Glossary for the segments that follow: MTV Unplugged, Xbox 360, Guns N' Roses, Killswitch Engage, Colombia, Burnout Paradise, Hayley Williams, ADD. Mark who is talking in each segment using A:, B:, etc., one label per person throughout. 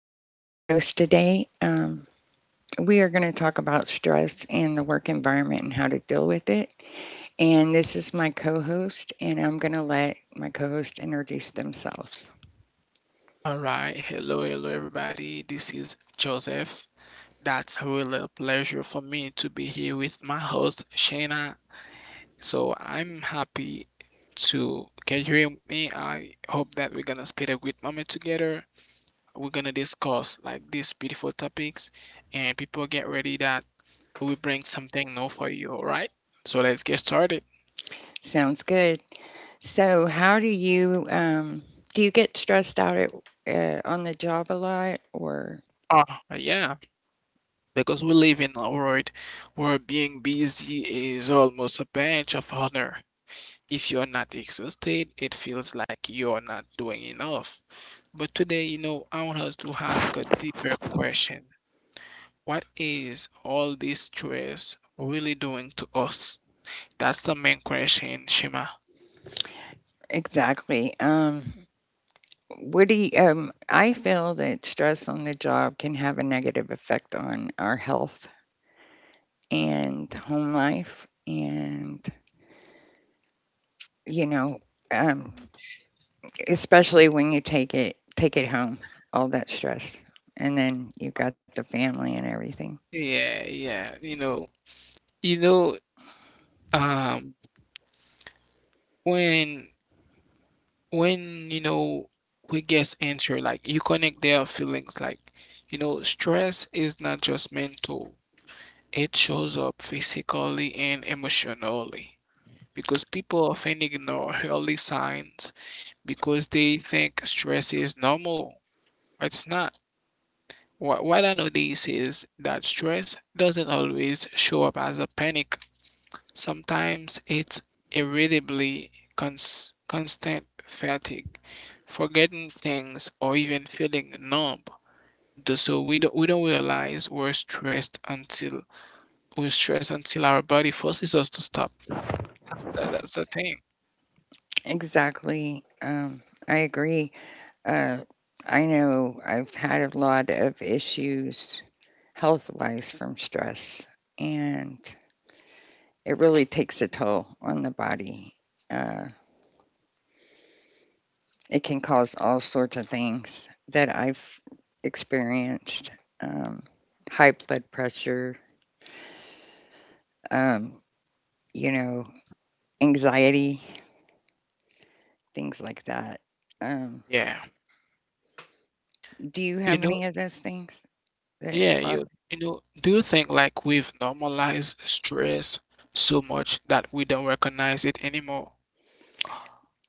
A: I am your host today. We are going to talk about stress in the work environment and how to deal with it. And this is my co host, and I'm going to let my co host introduce themselves.
B: All right. Hello, hello, everybody. This is Joseph. That's really a pleasure for me to be here with my host, Shayna. So I'm happy to can you hear me? I hope that we're gonna spend a great moment together. We're gonna discuss like these beautiful topics, and people get ready that we bring something new for you. All right. So let's get started.
A: Sounds good. So, how do you get stressed out at, on the job a lot? Or
B: Oh, yeah. Because we live in a world where being busy is almost a badge of honor. If you're not exhausted, it feels like you're not doing enough. But today, you know, I want us to ask a deeper question. What is all this stress really doing to us? That's the main question, Shima.
A: exactly? What do you, I feel that stress on the job can have a negative effect on our health and home life and you know um, Especially when you take it home, all that stress, and then you got the family and everything.
B: Yeah, yeah. You know, um, when when you know we get into like you connect their feelings, like you know, stress is not just mental. It shows up physically and emotionally because people often ignore early signs because they think stress is normal. It's not. What I know this is that stress doesn't always show up as a panic. Sometimes it's irritably constant fatigue, forgetting things, or even feeling numb. So we don't realize we're stressed until our body forces us to stop. That's the thing.
A: Exactly. I agree. uh, I know I've had a lot of issues health wise from stress, and it really takes a toll on the body. Uh, It can cause all sorts of things that I've experienced, um, high blood pressure, um, you know, anxiety, things like that. Um,
B: Yeah.
A: do you
B: You
A: have
B: know,
A: any of those things that
B: yeah,
A: are-
B: you know, do you think like we've normalized stress so much that we don't recognize it anymore?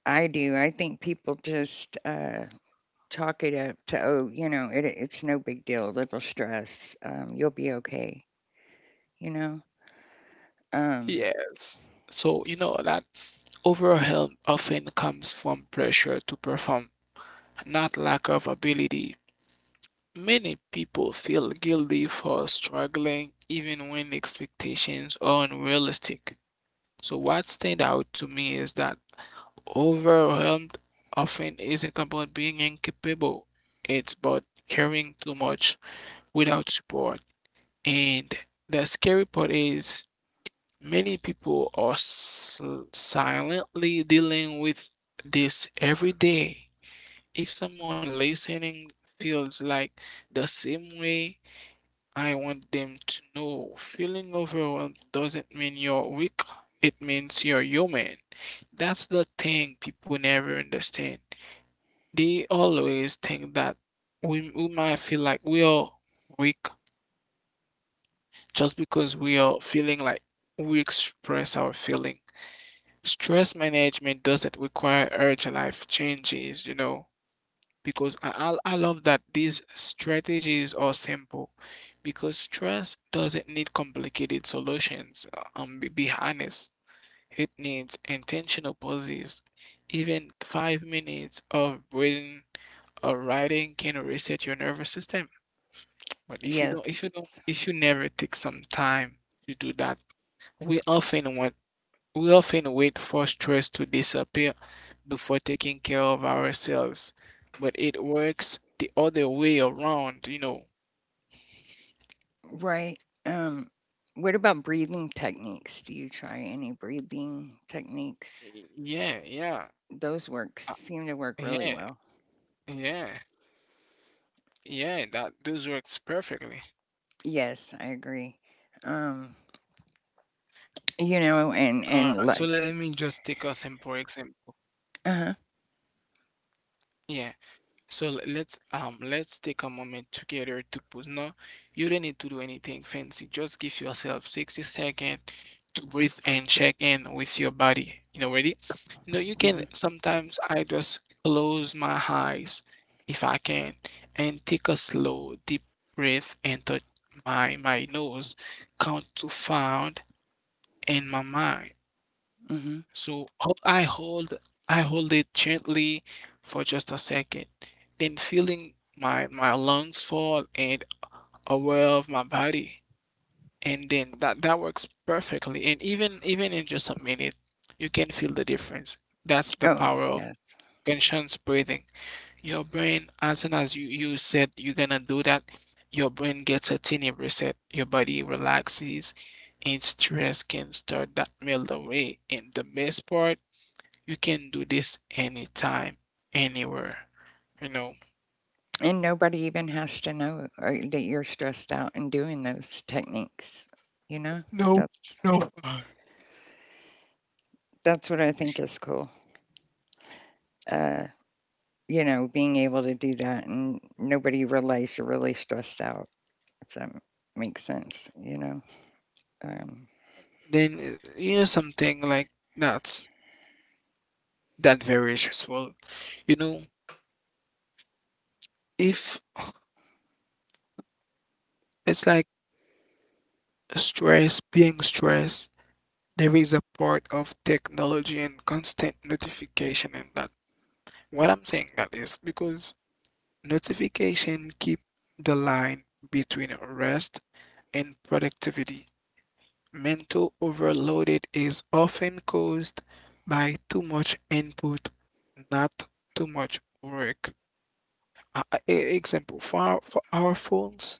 A: I do? I think people just chalk it up to, oh, you know, it, it's no big deal, little stress, you'll be okay, you know? Um,
B: Yes. So, you know, that overwhelm often comes from pressure to perform, not lack of ability. Many people feel guilty for struggling even when expectations are unrealistic. So, what stand out to me is that overwhelmed often isn't about being incapable, it's about carrying too much without support. And the scary part is many people are silently dealing with this every day. If someone listening feels like the same way, I want them to know feeling overwhelmed doesn't mean you're weak, it means you're human. That's the thing people never understand. They always think that we might feel like we are weak just because we are feeling like we express our feeling. Stress management doesn't require urgent life changes, you know, because I love that these strategies are simple because stress doesn't need complicated solutions. Be honest. It needs intentional pauses. Even 5 minutes of breathing or writing can reset your nervous system. But
A: yes.
B: if you never take some time to do that, we often want, we often wait for stress to disappear before taking care of ourselves. But it works the other way around, you know.
A: Right. Um, what about breathing techniques? Do you try any breathing techniques?
B: Yeah, yeah,
A: Those work
B: uh,
A: seem to work really
B: yeah,
A: well.
B: yeah, yeah. That those works perfectly.
A: Yes, I agree. Um, you
B: All right,
A: know,
B: so let me
A: and
B: just
A: like,
B: take a simple example.
A: uh-huh,
B: Yeah, so let's let's take a moment together to pause. No, you don't need to do anything fancy. Just give yourself 60 seconds to breathe and check in with your body. You know, ready? You know, you
A: hmm
B: can sometimes I just close my eyes if I can and take a slow deep breath and touch my nose, count to five in my mind.
A: hmm.
B: So I hold it gently for just a second, then feeling my lungs fall and aware of my body. And then that works perfectly. And even in just a minute, you can feel the difference. That's the
A: Oh,
B: power of
A: yes.
B: conscious breathing. Your brain, as soon as you said you're gonna do that, your brain gets a tiny reset. Your body relaxes, and stress can start that melt away. And the best part you can do this anytime, anywhere, you know.
A: And nobody even has to know that you're stressed out and doing those techniques. You know,
B: No,
A: that's
B: no.
A: that's what I think is cool. Uh, you know, being able to do that and nobody realize you're really stressed out. If that makes sense, you know. Um,
B: Then you know something like that that very stressful. You know, if it's like stress, being stressed, there is a part of technology and constant notification in that. What I'm saying that is because notification keep the line between rest and productivity. Mental overloaded is often caused by too much input, not too much work. Example, for for our phones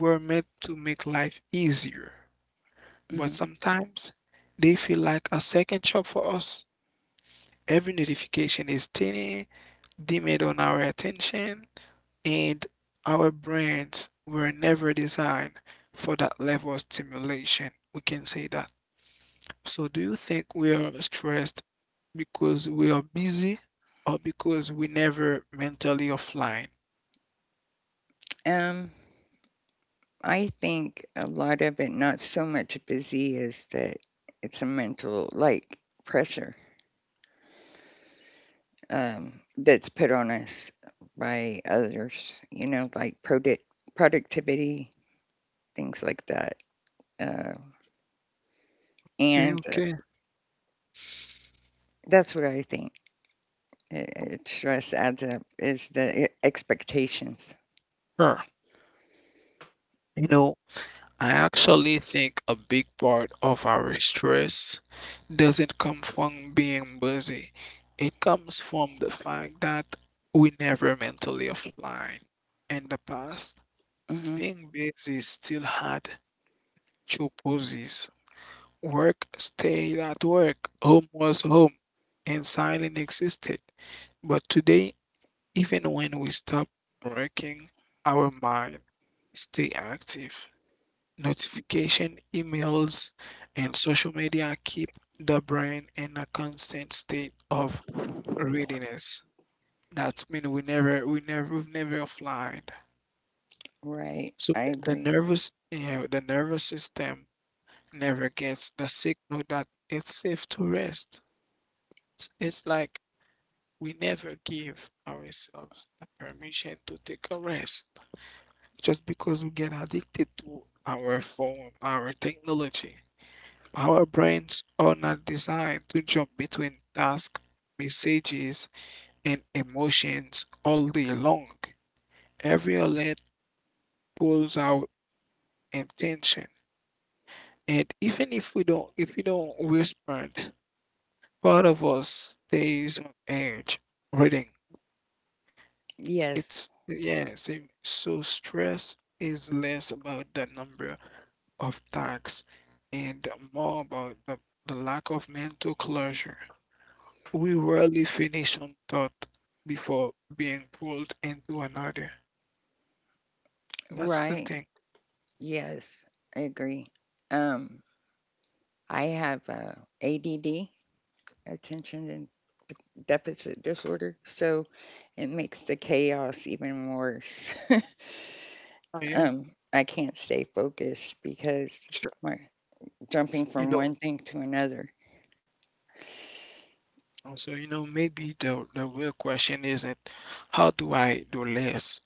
B: were meant to make life easier, but
A: mhm.
B: sometimes they feel like a second job for us. Every notification is tiny, demand on our attention, and our brains were never designed for that level of stimulation. We can say that. So, do you think we are stressed because we are busy or because we never mentally offline?
A: um, I think a lot of it, not so much busy, is that it's a mental like pressure that's put on us by others, you know, like product productivity, things like that. Uh,
B: Okay,
A: and.
B: okay.
A: That's what I think. It stress adds up is the e- expectations.
B: Sure. You know, I actually think a big part of our stress doesn't come from being busy. It comes from the fact that we never mentally offline. In the past,
A: Hmm.
B: being busy still had two poses. Work stayed at work, home was home, and silence existed. But today, even when we stop working, our mind stay active. Notification, emails, and social media keep the brain in a constant state of readiness. That means we've never offline.
A: Right,
B: So
A: I agree.
B: the nervous system never gets the signal that it's safe to rest. It's like we never give ourselves the permission to take a rest just because we get addicted to our phone, our technology. Our brains are not designed to jump between tasks, messages, and emotions all day long. Every alert pulls our attention, and even if we don't respond, part of us stays on edge, waiting.
A: Yes,
B: It's yeah, so, so stress is less about the number of tasks and more about the lack of mental closure. We rarely finish on thought before being pulled into another. That's the
A: right.
B: thing.
A: Yes, I agree. Um, I have ADD, attention and de- deficit disorder, so it makes the chaos even worse.
B: Oh yeah,
A: um, I can't stay focused because
B: sure.
A: my jumping
B: You
A: from
B: know,
A: one thing to another.
B: so maybe the real question isn't how do I do less,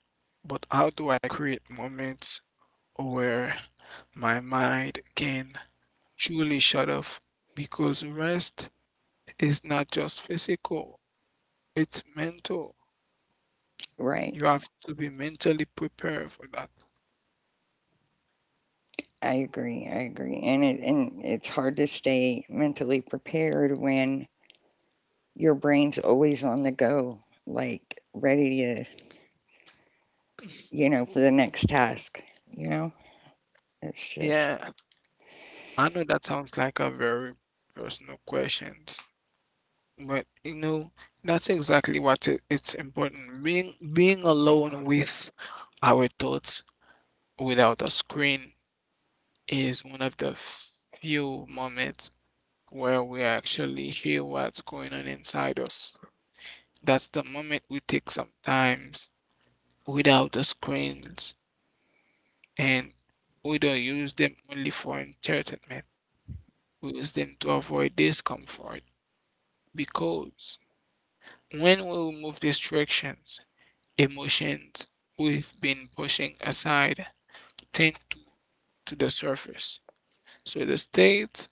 B: but how do I create moments where my mind can truly shut off because rest is not just physical, it's mental.
A: Right.
B: You have to be mentally prepared for that.
A: I agree. I agree. And it and it's hard to stay mentally prepared when your brain's always on the go, like ready to, you know, for the next task, you know? It's just,
B: Yeah, I know that sounds like a very personal question, but you know, that's exactly what it's important. Being alone with our thoughts without a screen is one of the few moments where we actually hear what's going on inside us. That's the moment we take sometimes without the screens, and we don't use them only for entertainment. We use them to avoid discomfort because when we remove distractions, emotions we've been pushing aside tend to the surface. So the state,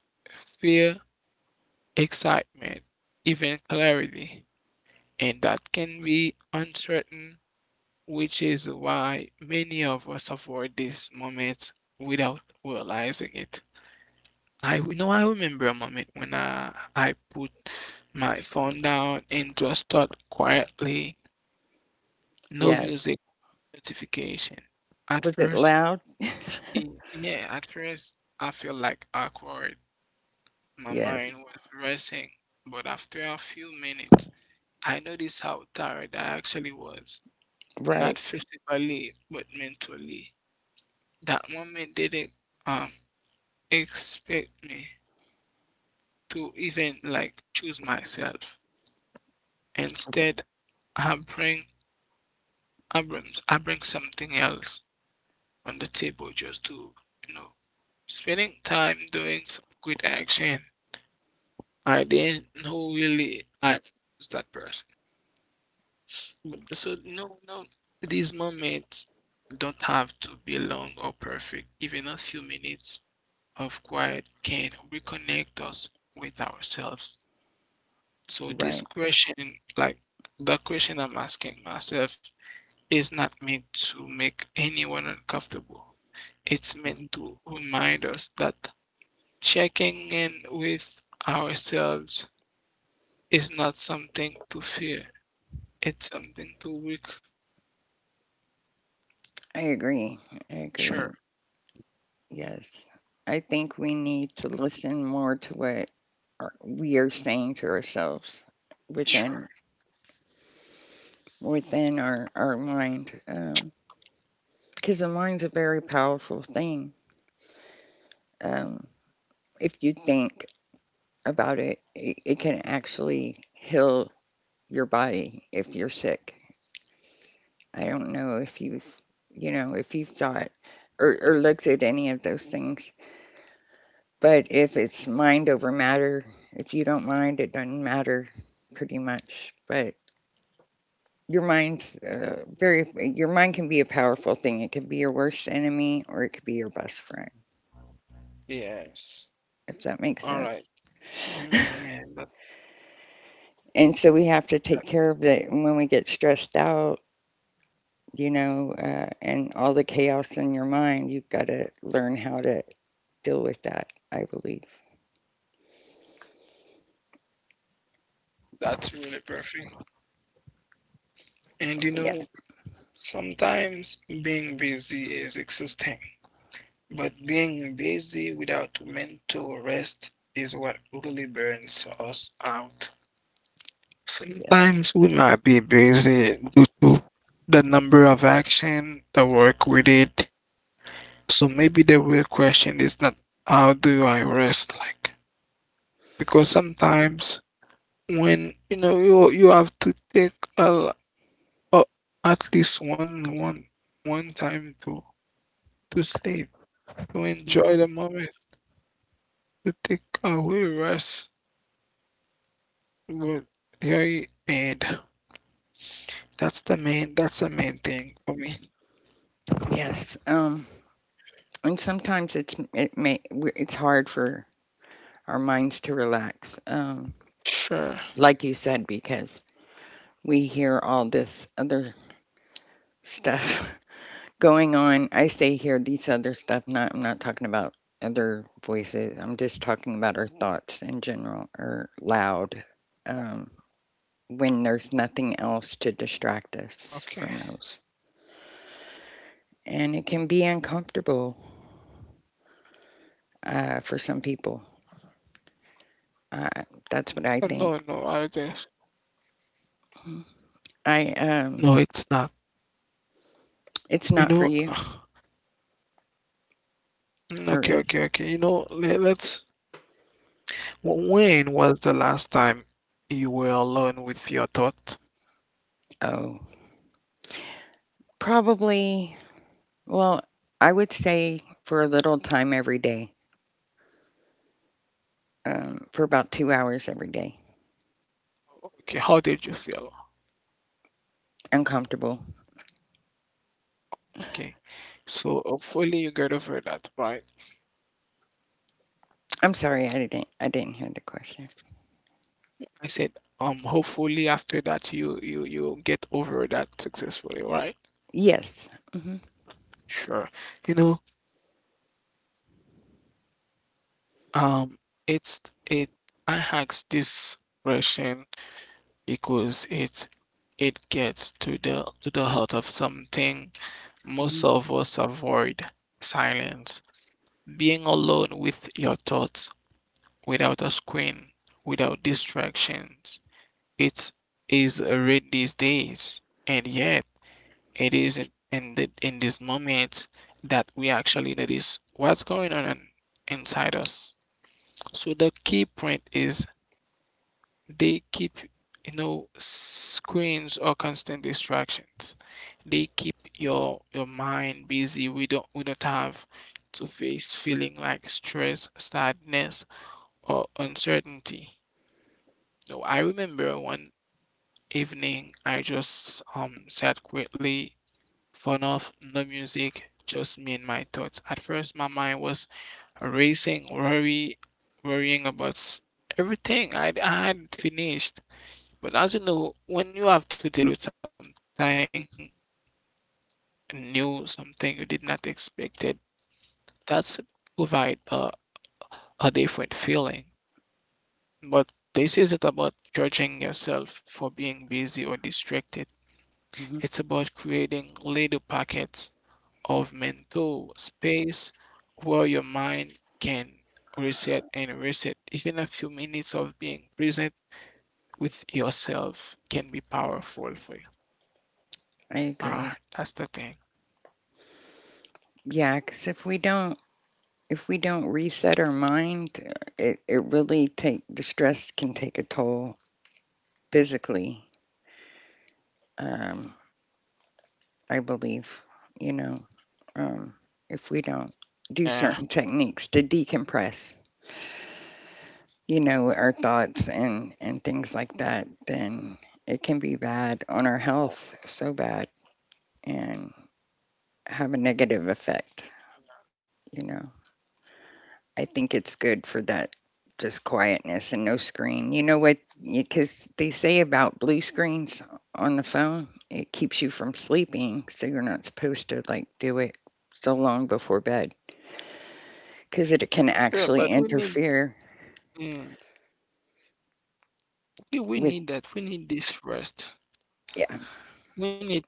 B: fear, excitement, even clarity, and that can be uncertain which is why many of us avoid these moments without realizing it. I you know I remember a moment when I put my phone down and just thought quietly, no
A: yes.
B: music notification. At
A: Was it
B: first,
A: loud?
B: it, yeah, at first I feel like awkward. My
A: Yes.
B: mind was racing, but after a few minutes, I noticed how tired I actually was,
A: Right.
B: not physically but mentally. That moment didn't um expect me to even like choose myself. Instead, I bring Abrams. I bring something else on the table just to, you know, spending time doing some good action. I didn't know really I was that person. Mm. So no, no, these moments don't have to be long or perfect. Even a few minutes of quiet can reconnect us with ourselves. So this
A: Right.
B: question, like the question I'm asking myself, is not meant to make anyone uncomfortable. It's
A: Mhm.
B: meant to remind us that checking in with ourselves is not something to fear. It's something to work.
A: I agree. I
B: Sure.
A: agree. Yes. I think we need to listen more to what our, we are saying to ourselves
B: Sure.
A: within within our mind, because the mind's a very powerful thing. Um, if you think about it, it, it can actually heal your body if you're sick. I don't know if you've, you know, if you've thought or looked at any of those things. But if it's mind over matter, if you don't mind, it doesn't matter pretty much. But your mind's very, your mind can be a powerful thing. It can be your worst enemy or it could be your best friend,
B: Yes.
A: if that makes
B: All right.
A: sense.
B: Yeah, yeah, yeah. That,
A: And so we have to take care of that when we get stressed out, you know, and all the chaos in your mind, you've got to learn how to deal with that, I believe.
B: that's really perfect. And you
A: Yeah.
B: know, sometimes being busy is exhausting. But being busy without mental rest is what really burns us out.
A: Yes.
B: Sometimes we might be busy due to the number of action, the work we did. So maybe the real question is not how do I rest like? Because sometimes when you know you have to take a, a- at least one one time to sleep, to
A: Hmm.
B: enjoy the moment, to take away rest. Well, yeah, and that's the main thing for me.
A: Yes. And sometimes it's it may w- it's hard for our minds to relax.
B: Sure.
A: Like you said, because we hear all this other stuff going on. I say hear these other stuff. Not I'm not talking about other voices. I'm just talking about our thoughts in general are loud. Um, when there's nothing else to
B: Okay.
A: distract us from those, and it can be uncomfortable for some people. Uh,
B: No, no,
A: that's
B: I
A: what I
B: just
A: think. Mhm. I
B: no, it's
A: um,
B: not. You
A: It's
B: know,
A: not for you, or
B: okay,
A: is?
B: okay, okay. You know, let's. When was the last time you were alone with your thought?
A: Oh, probably. Well, I would say for a little time every day, for about 2 hours every day.
B: Okay, how did you feel?
A: Uncomfortable.
B: Okay, so hopefully you get over that, right?
A: I'm sorry, I didn't. I didn't hear the question.
B: I said, hopefully after that you get over that successfully, right?
A: Yes. Hmm
B: Sure. You know, um, it's it I asked this question because it gets to the heart of something most
A: hmm
B: of us avoid, silence. Being alone with your thoughts, without a screen, without distractions. It is rare these days, and yet it is in this moment that we actually notice what's going on inside us. So the key point is they keep, you know, screens or constant distractions. They keep your mind busy. We don't have to face feeling like stress, sadness, or uncertainty. So I remember one evening I just sat quietly, phone off, no music, just me and my thoughts. At first my mind was racing, worrying about everything I had finished. But as you know, when you have to deal with something new, something you did not expect it, that's provide a different feeling. But this isn't about judging yourself for being busy or distracted.
A: hmm.
B: It's about creating little pockets of mental space where your mind can reset. Even a few minutes of being present with yourself can be powerful for you.
A: I agree.
B: Ah, that's the thing.
A: Yeah, because if we don't reset our mind, it it really take the stress can take a toll physically. Um, I believe, you know, um, if we don't do certain
B: Yeah.
A: techniques to decompress, you know, our thoughts and things like that, then it can be bad on our health, so bad, and have a negative effect, you know. I think it's good for that just quietness and no screen. You know what? Because they say about blue screens on the phone, it keeps you from sleeping, so you're not supposed to like do it so long before bed because it can actually
B: Yeah, but we need,
A: interfere
B: mm, we
A: with,
B: need that. We need this rest.
A: yeah,
B: We need,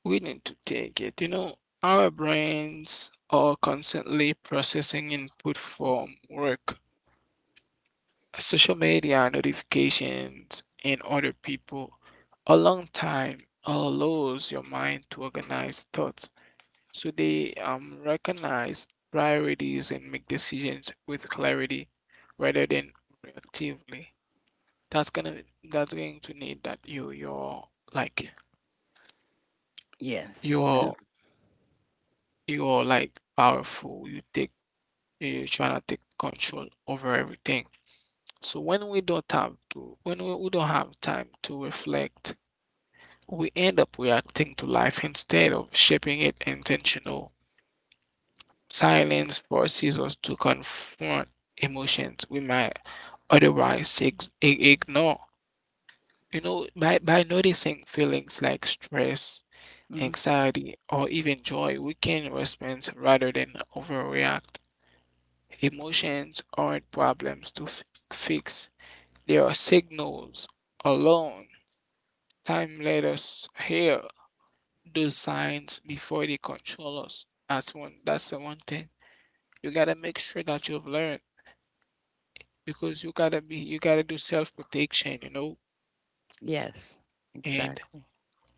B: we need to take it. You know, our brains are constantly processing input from work, social media, notifications, and other people. A long time allows your mind to organize thoughts, so they recognize priorities and make decisions with clarity rather than reactively. that's gonna that's going to need that you're like
A: yes,
B: you're like powerful you take you trying to take control over everything. So when we don't have time to reflect, we end up reacting to life instead of shaping it intentional. Silence forces us to confront emotions we might otherwise ignore. You know, by noticing feelings like stress,
A: mhm,
B: anxiety, or even joy, we can respond rather than overreact. Emotions aren't problems to fix, they are signals alone. Time let us hear those signs before they control us. That's the one thing. You gotta make sure that you've learned because you gotta do self protection, you know?
A: yes,
B: And
A: exactly,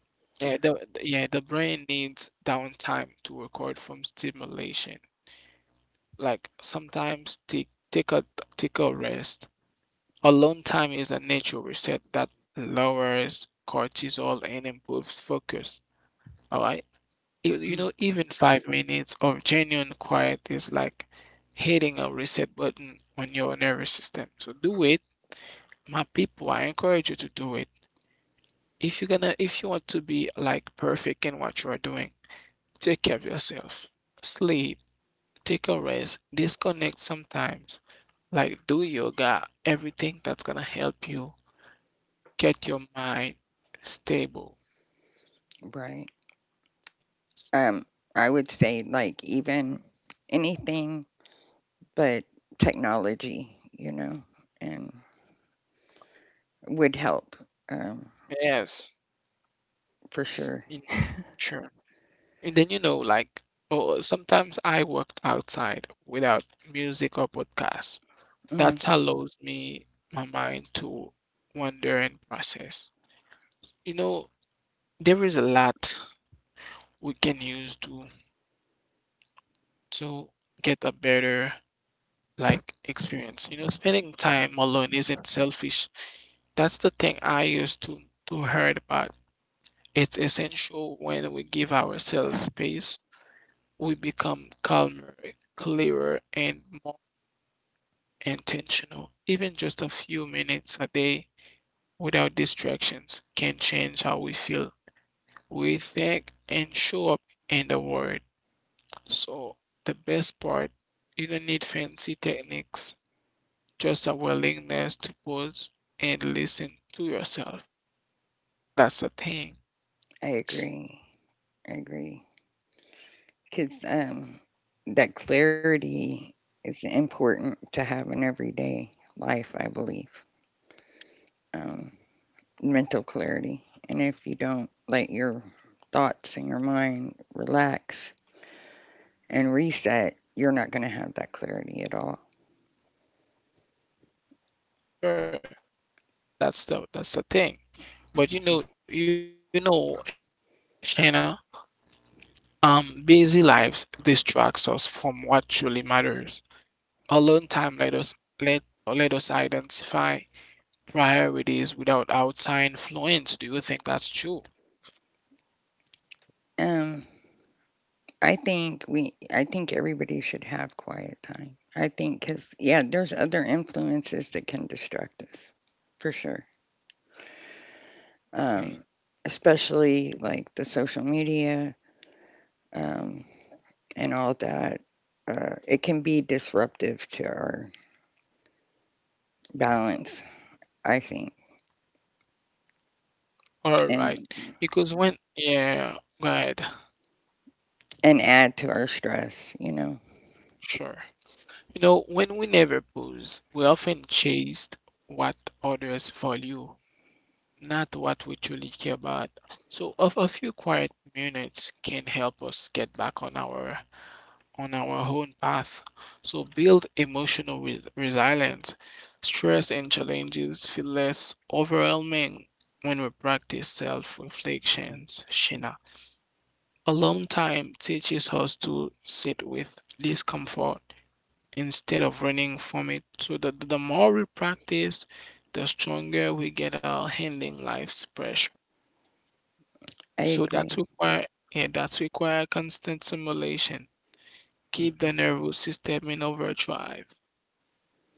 B: yeah, the brain needs downtime to record from stimulation. Like sometimes take a rest. Alone time is a natural reset that lowers cortisol and improves focus. All right. You
A: mm,
B: know, even 5 minutes of genuine quiet is like hitting a reset button on your nervous system. So do it. My people, I encourage you to do it. If you want to be like perfect in what you are doing, take care of yourself. Sleep, take a rest, disconnect sometimes. Like do yoga, everything that's gonna help you get your mind stable.
A: right. Um, I would say like even anything but technology, you know, and would help, um,
B: Yes,
A: for sure.
B: in sure. And then you know, like oh, sometimes I worked outside without music or podcast.
A: Hmm.
B: That allows me my mind to wander and process. You know, there is a lot we can use to to get a better like experience. You know, spending time alone isn't selfish. That's the thing I used to heard about. It's essential. When we give ourselves space, we become calmer, clearer, and more intentional. Even just a few minutes a day without distractions can change how we feel, we think, and show up in the world. So the best part, you don't need fancy techniques. Just a willingness to pause and listen to yourself. That's a thing.
A: I agree. I agree. Because that clarity is important to have in everyday life, I believe. um, Mental clarity. And if you don't let your thoughts and your mind relax and reset, you're not going to have that clarity at all.
B: Sure. That's the thing. But you know, Shana, busy lives distracts us from what truly matters. Alone time let let us identify priorities without outside influence. Do you think that's true?
A: Um, I think we, I think everybody should have quiet time. I think because yeah, there's other influences that can distract us, for sure. Um,
B: Okay.
A: Especially like the social media, um, and all that. It can be disruptive to our balance, I think.
B: All
A: And
B: right. Because when, yeah, right.
A: And add to our stress, you know.
B: Sure. You know, when we never pause, we often chase what others value, not what we truly care about. So of a few quiet minutes can help us get back on our own path. So build emotional resilience. Stress and challenges feel less overwhelming when we practice self-reflections, Shina. Alone time teaches us to sit with discomfort instead of running from it. So the more we practice, the stronger we get our handling life's pressure.
A: I
B: So that's
A: agree.
B: require yeah, that require constant simulation. Keep
A: Mhm.
B: the nervous system in overdrive.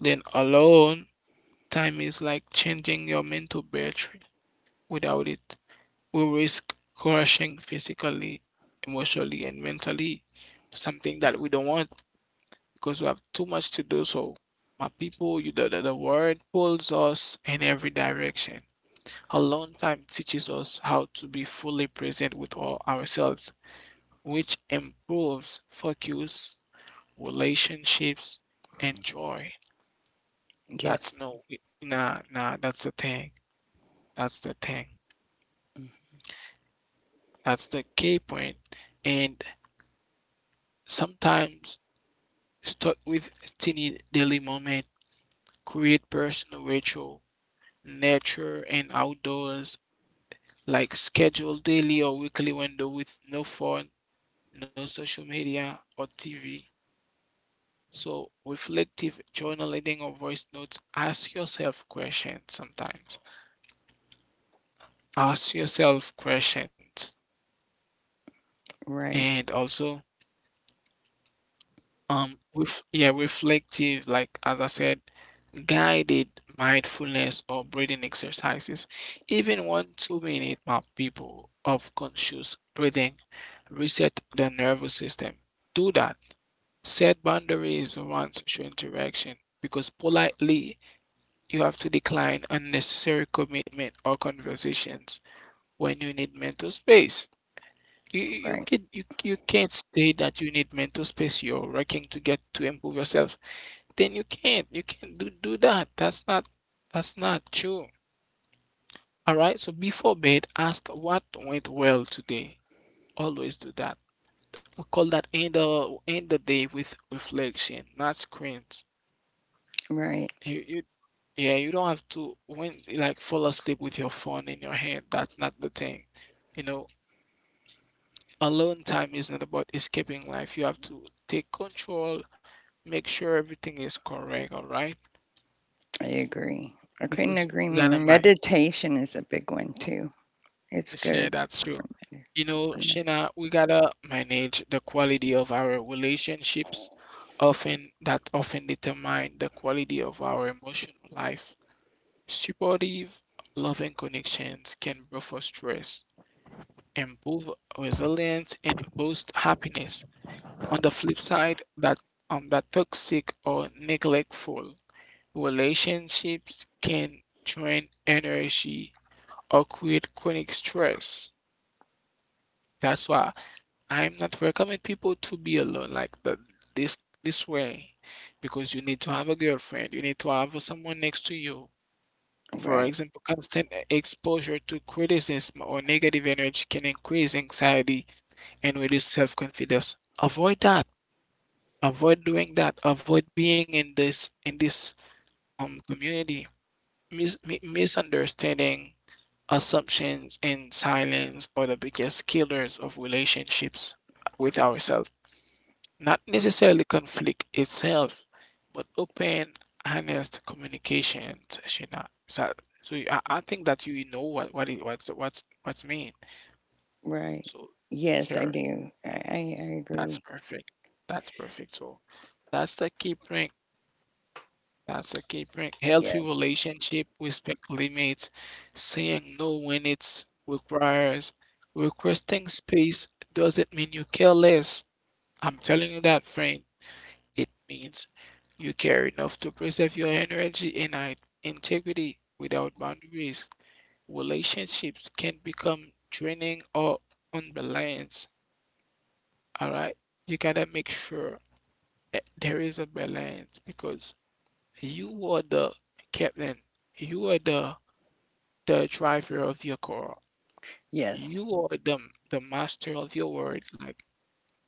B: Then alone, time is like changing your mental battery. Without it, we risk crashing physically, emotionally, and mentally. Something that we don't want because we have too much to do. So, my people, the world pulls us in every direction. Alone time teaches us how to be fully present with all ourselves, which improves focus, relationships, and joy.
A: Yes.
B: That's no, nah, nah, that's the thing. That's the thing.
A: Mm.
B: That's the key point. And sometimes start with teeny daily moment, create personal ritual, nature and outdoors, like schedule daily or weekly window with no phone, no social media or TV. So, reflective journaling or voice notes, ask yourself questions sometimes. Ask yourself questions. And also,
A: Right,
B: with yeah, reflective, like as I said, guided mindfulness or breathing exercises. Even 1 2 minute map people of conscious breathing reset the nervous system. Do that. Set boundaries around social interaction because politely you have to decline unnecessary commitment or conversations when you need mental space.
A: right,
B: You can't say that you need mental space. You're working to get to improve yourself. Then you can't do that. That's not true. All right. So before bed, ask what went well today. Always do that. We call that end the day with reflection, not screens.
A: right.
B: You You, Yeah, you don't have to when like fall asleep with your phone in your hand. That's not the thing. You know, alone time is not about escaping life. You have to take control, make sure everything is correct, all right?
A: I agree. I couldn't
B: Because
A: agree
B: we gotta
A: more.
B: manage.
A: Meditation is a big one too. It's
B: Yeah,
A: good
B: that's
A: for
B: true.
A: med-
B: You know,
A: for med-
B: Shina, we gotta manage the quality of our relationships, often that often determine the quality of our emotional life. Supportive, loving connections can buffer stress, improve resilience, and boost happiness. On the flip side, that toxic or neglectful relationships can drain energy or create chronic stress. That's why I'm not recommend people to be alone like the, this this way, because you need to have a girlfriend, you need to have someone next to you. For
A: right,
B: example, constant exposure to criticism or negative energy can increase anxiety and reduce self-confidence. Avoid that. Avoid doing that. Avoid being in this community. Mis- misunderstanding, assumptions, and silence are the biggest killers of relationships with ourselves. Not necessarily conflict itself, but open, honest communication, Shina. So, so I think that you know what it, what's mean.
A: right.
B: So
A: Yes, I
B: sure.
A: do. I
B: That's
A: agree.
B: perfect. That's perfect. So that's the key point. That's the key point. Healthy
A: Yes,
B: relationship, respect limits, saying no when requesting space doesn't mean you care less. I'm telling you that, friend. It means you care enough to preserve your energy and integrity without boundaries. Relationships can become draining or unbalanced. All right, you gotta make sure. Eh, there is a balance because you are the captain, you are the driver of your car,
A: yes,
B: you are the master of your words. Like,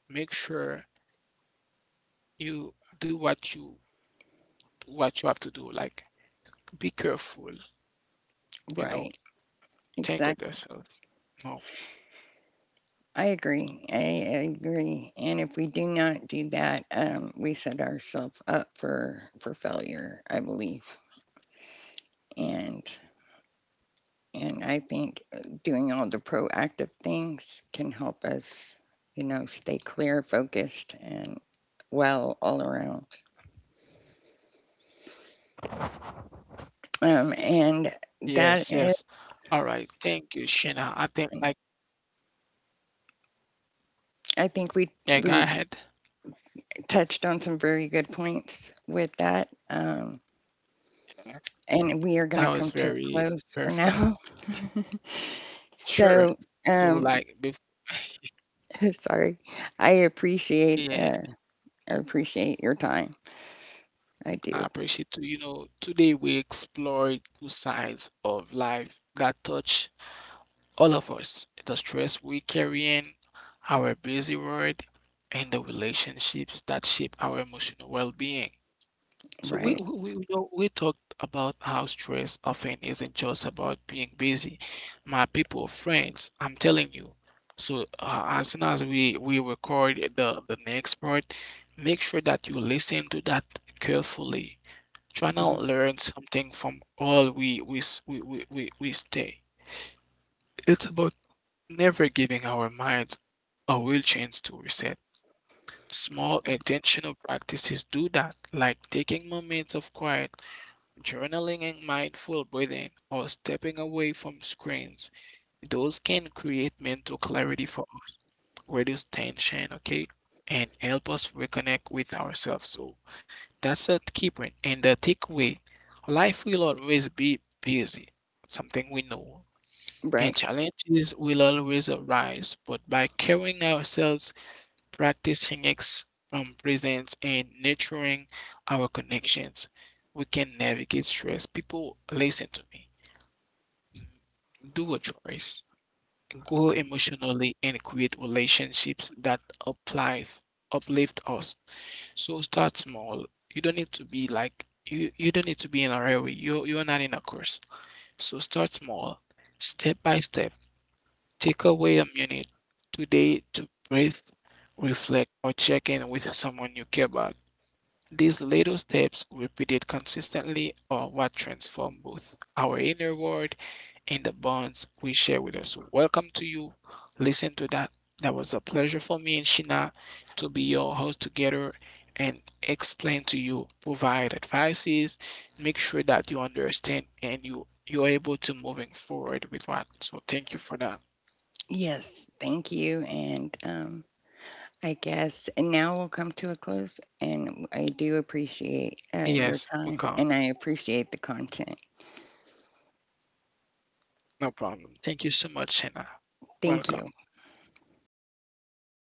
B: make sure you do what you have to do. Like, be careful, you
A: right.
B: know, think of
A: Exactly.
B: yourself. No.
A: I agree. I agree. And if we do not do that, we set ourselves up for failure, I believe. And And I think doing all the proactive things can help us, you know, stay clear, focused, and well all around. Um,
B: Yes, yes.
A: and
B: All
A: that
B: right.
A: is,
B: Thank you, Shina. I think like yeah,
A: I
B: go
A: think
B: ahead.
A: we touched on some very good points with that.
B: Yeah, that
A: And
B: was
A: we are going to
B: very
A: come to a
B: perfect.
A: close for now.
B: Sure.
A: So,
B: So like
A: um,
B: before,
A: sorry, I
B: yeah.
A: appreciate uh, I appreciate your time. I
B: I
A: do.
B: appreciate too. You know, today we explored 2 sides of life that touch all of us, the stress we carry in, our busy world, and the relationships that shape our emotional well-being. So
A: Right.
B: you know, we talked about how stress often isn't just about being busy. My people, friends, I'm telling you. So as soon as we record the next part, make sure that you listen to that carefully. Try
A: Mhm.
B: not learn something from all we s- we stay. It's about never giving our minds a real chance to reset. Small
A: Right.
B: intentional practices do that, like taking moments of quiet, journaling and mindful breathing, or stepping away from screens. Those can create mental clarity for us, reduce tension, okay, and help us reconnect with ourselves. So that's a key point. And the takeaway, life will always be busy, something we know, and
A: Right.
B: challenges will always arise. But by carrying ourselves, practicing ex presence, and nurturing our connections, we can navigate stress. People, listen to me. Do a choice grow
A: Right.
B: emotionally, and create relationships that uplift uplift us. So start small. You don't need to be like you don't need to be in a hurry. You you're not in a course. So start small, step by step. Take away a minute today to breathe, reflect, or check in with someone you care about. These little steps, repeated consistently, are what transform both our inner world in the bonds we share with us. Welcome to you. Listen to that. That was a pleasure for me and Shina to be your host together and explain to you, provide advices, make sure that you understand and you you're able to moving forward with what. So thank you for that.
A: Yes, thank you. And I guess and now we'll come to a close. And I do
B: Yes, we
A: appreciate
B: come.
A: your time and I appreciate the content.
B: No problem. Thank you so much, Shina. Welcome.
A: Thank you.
B: No problem.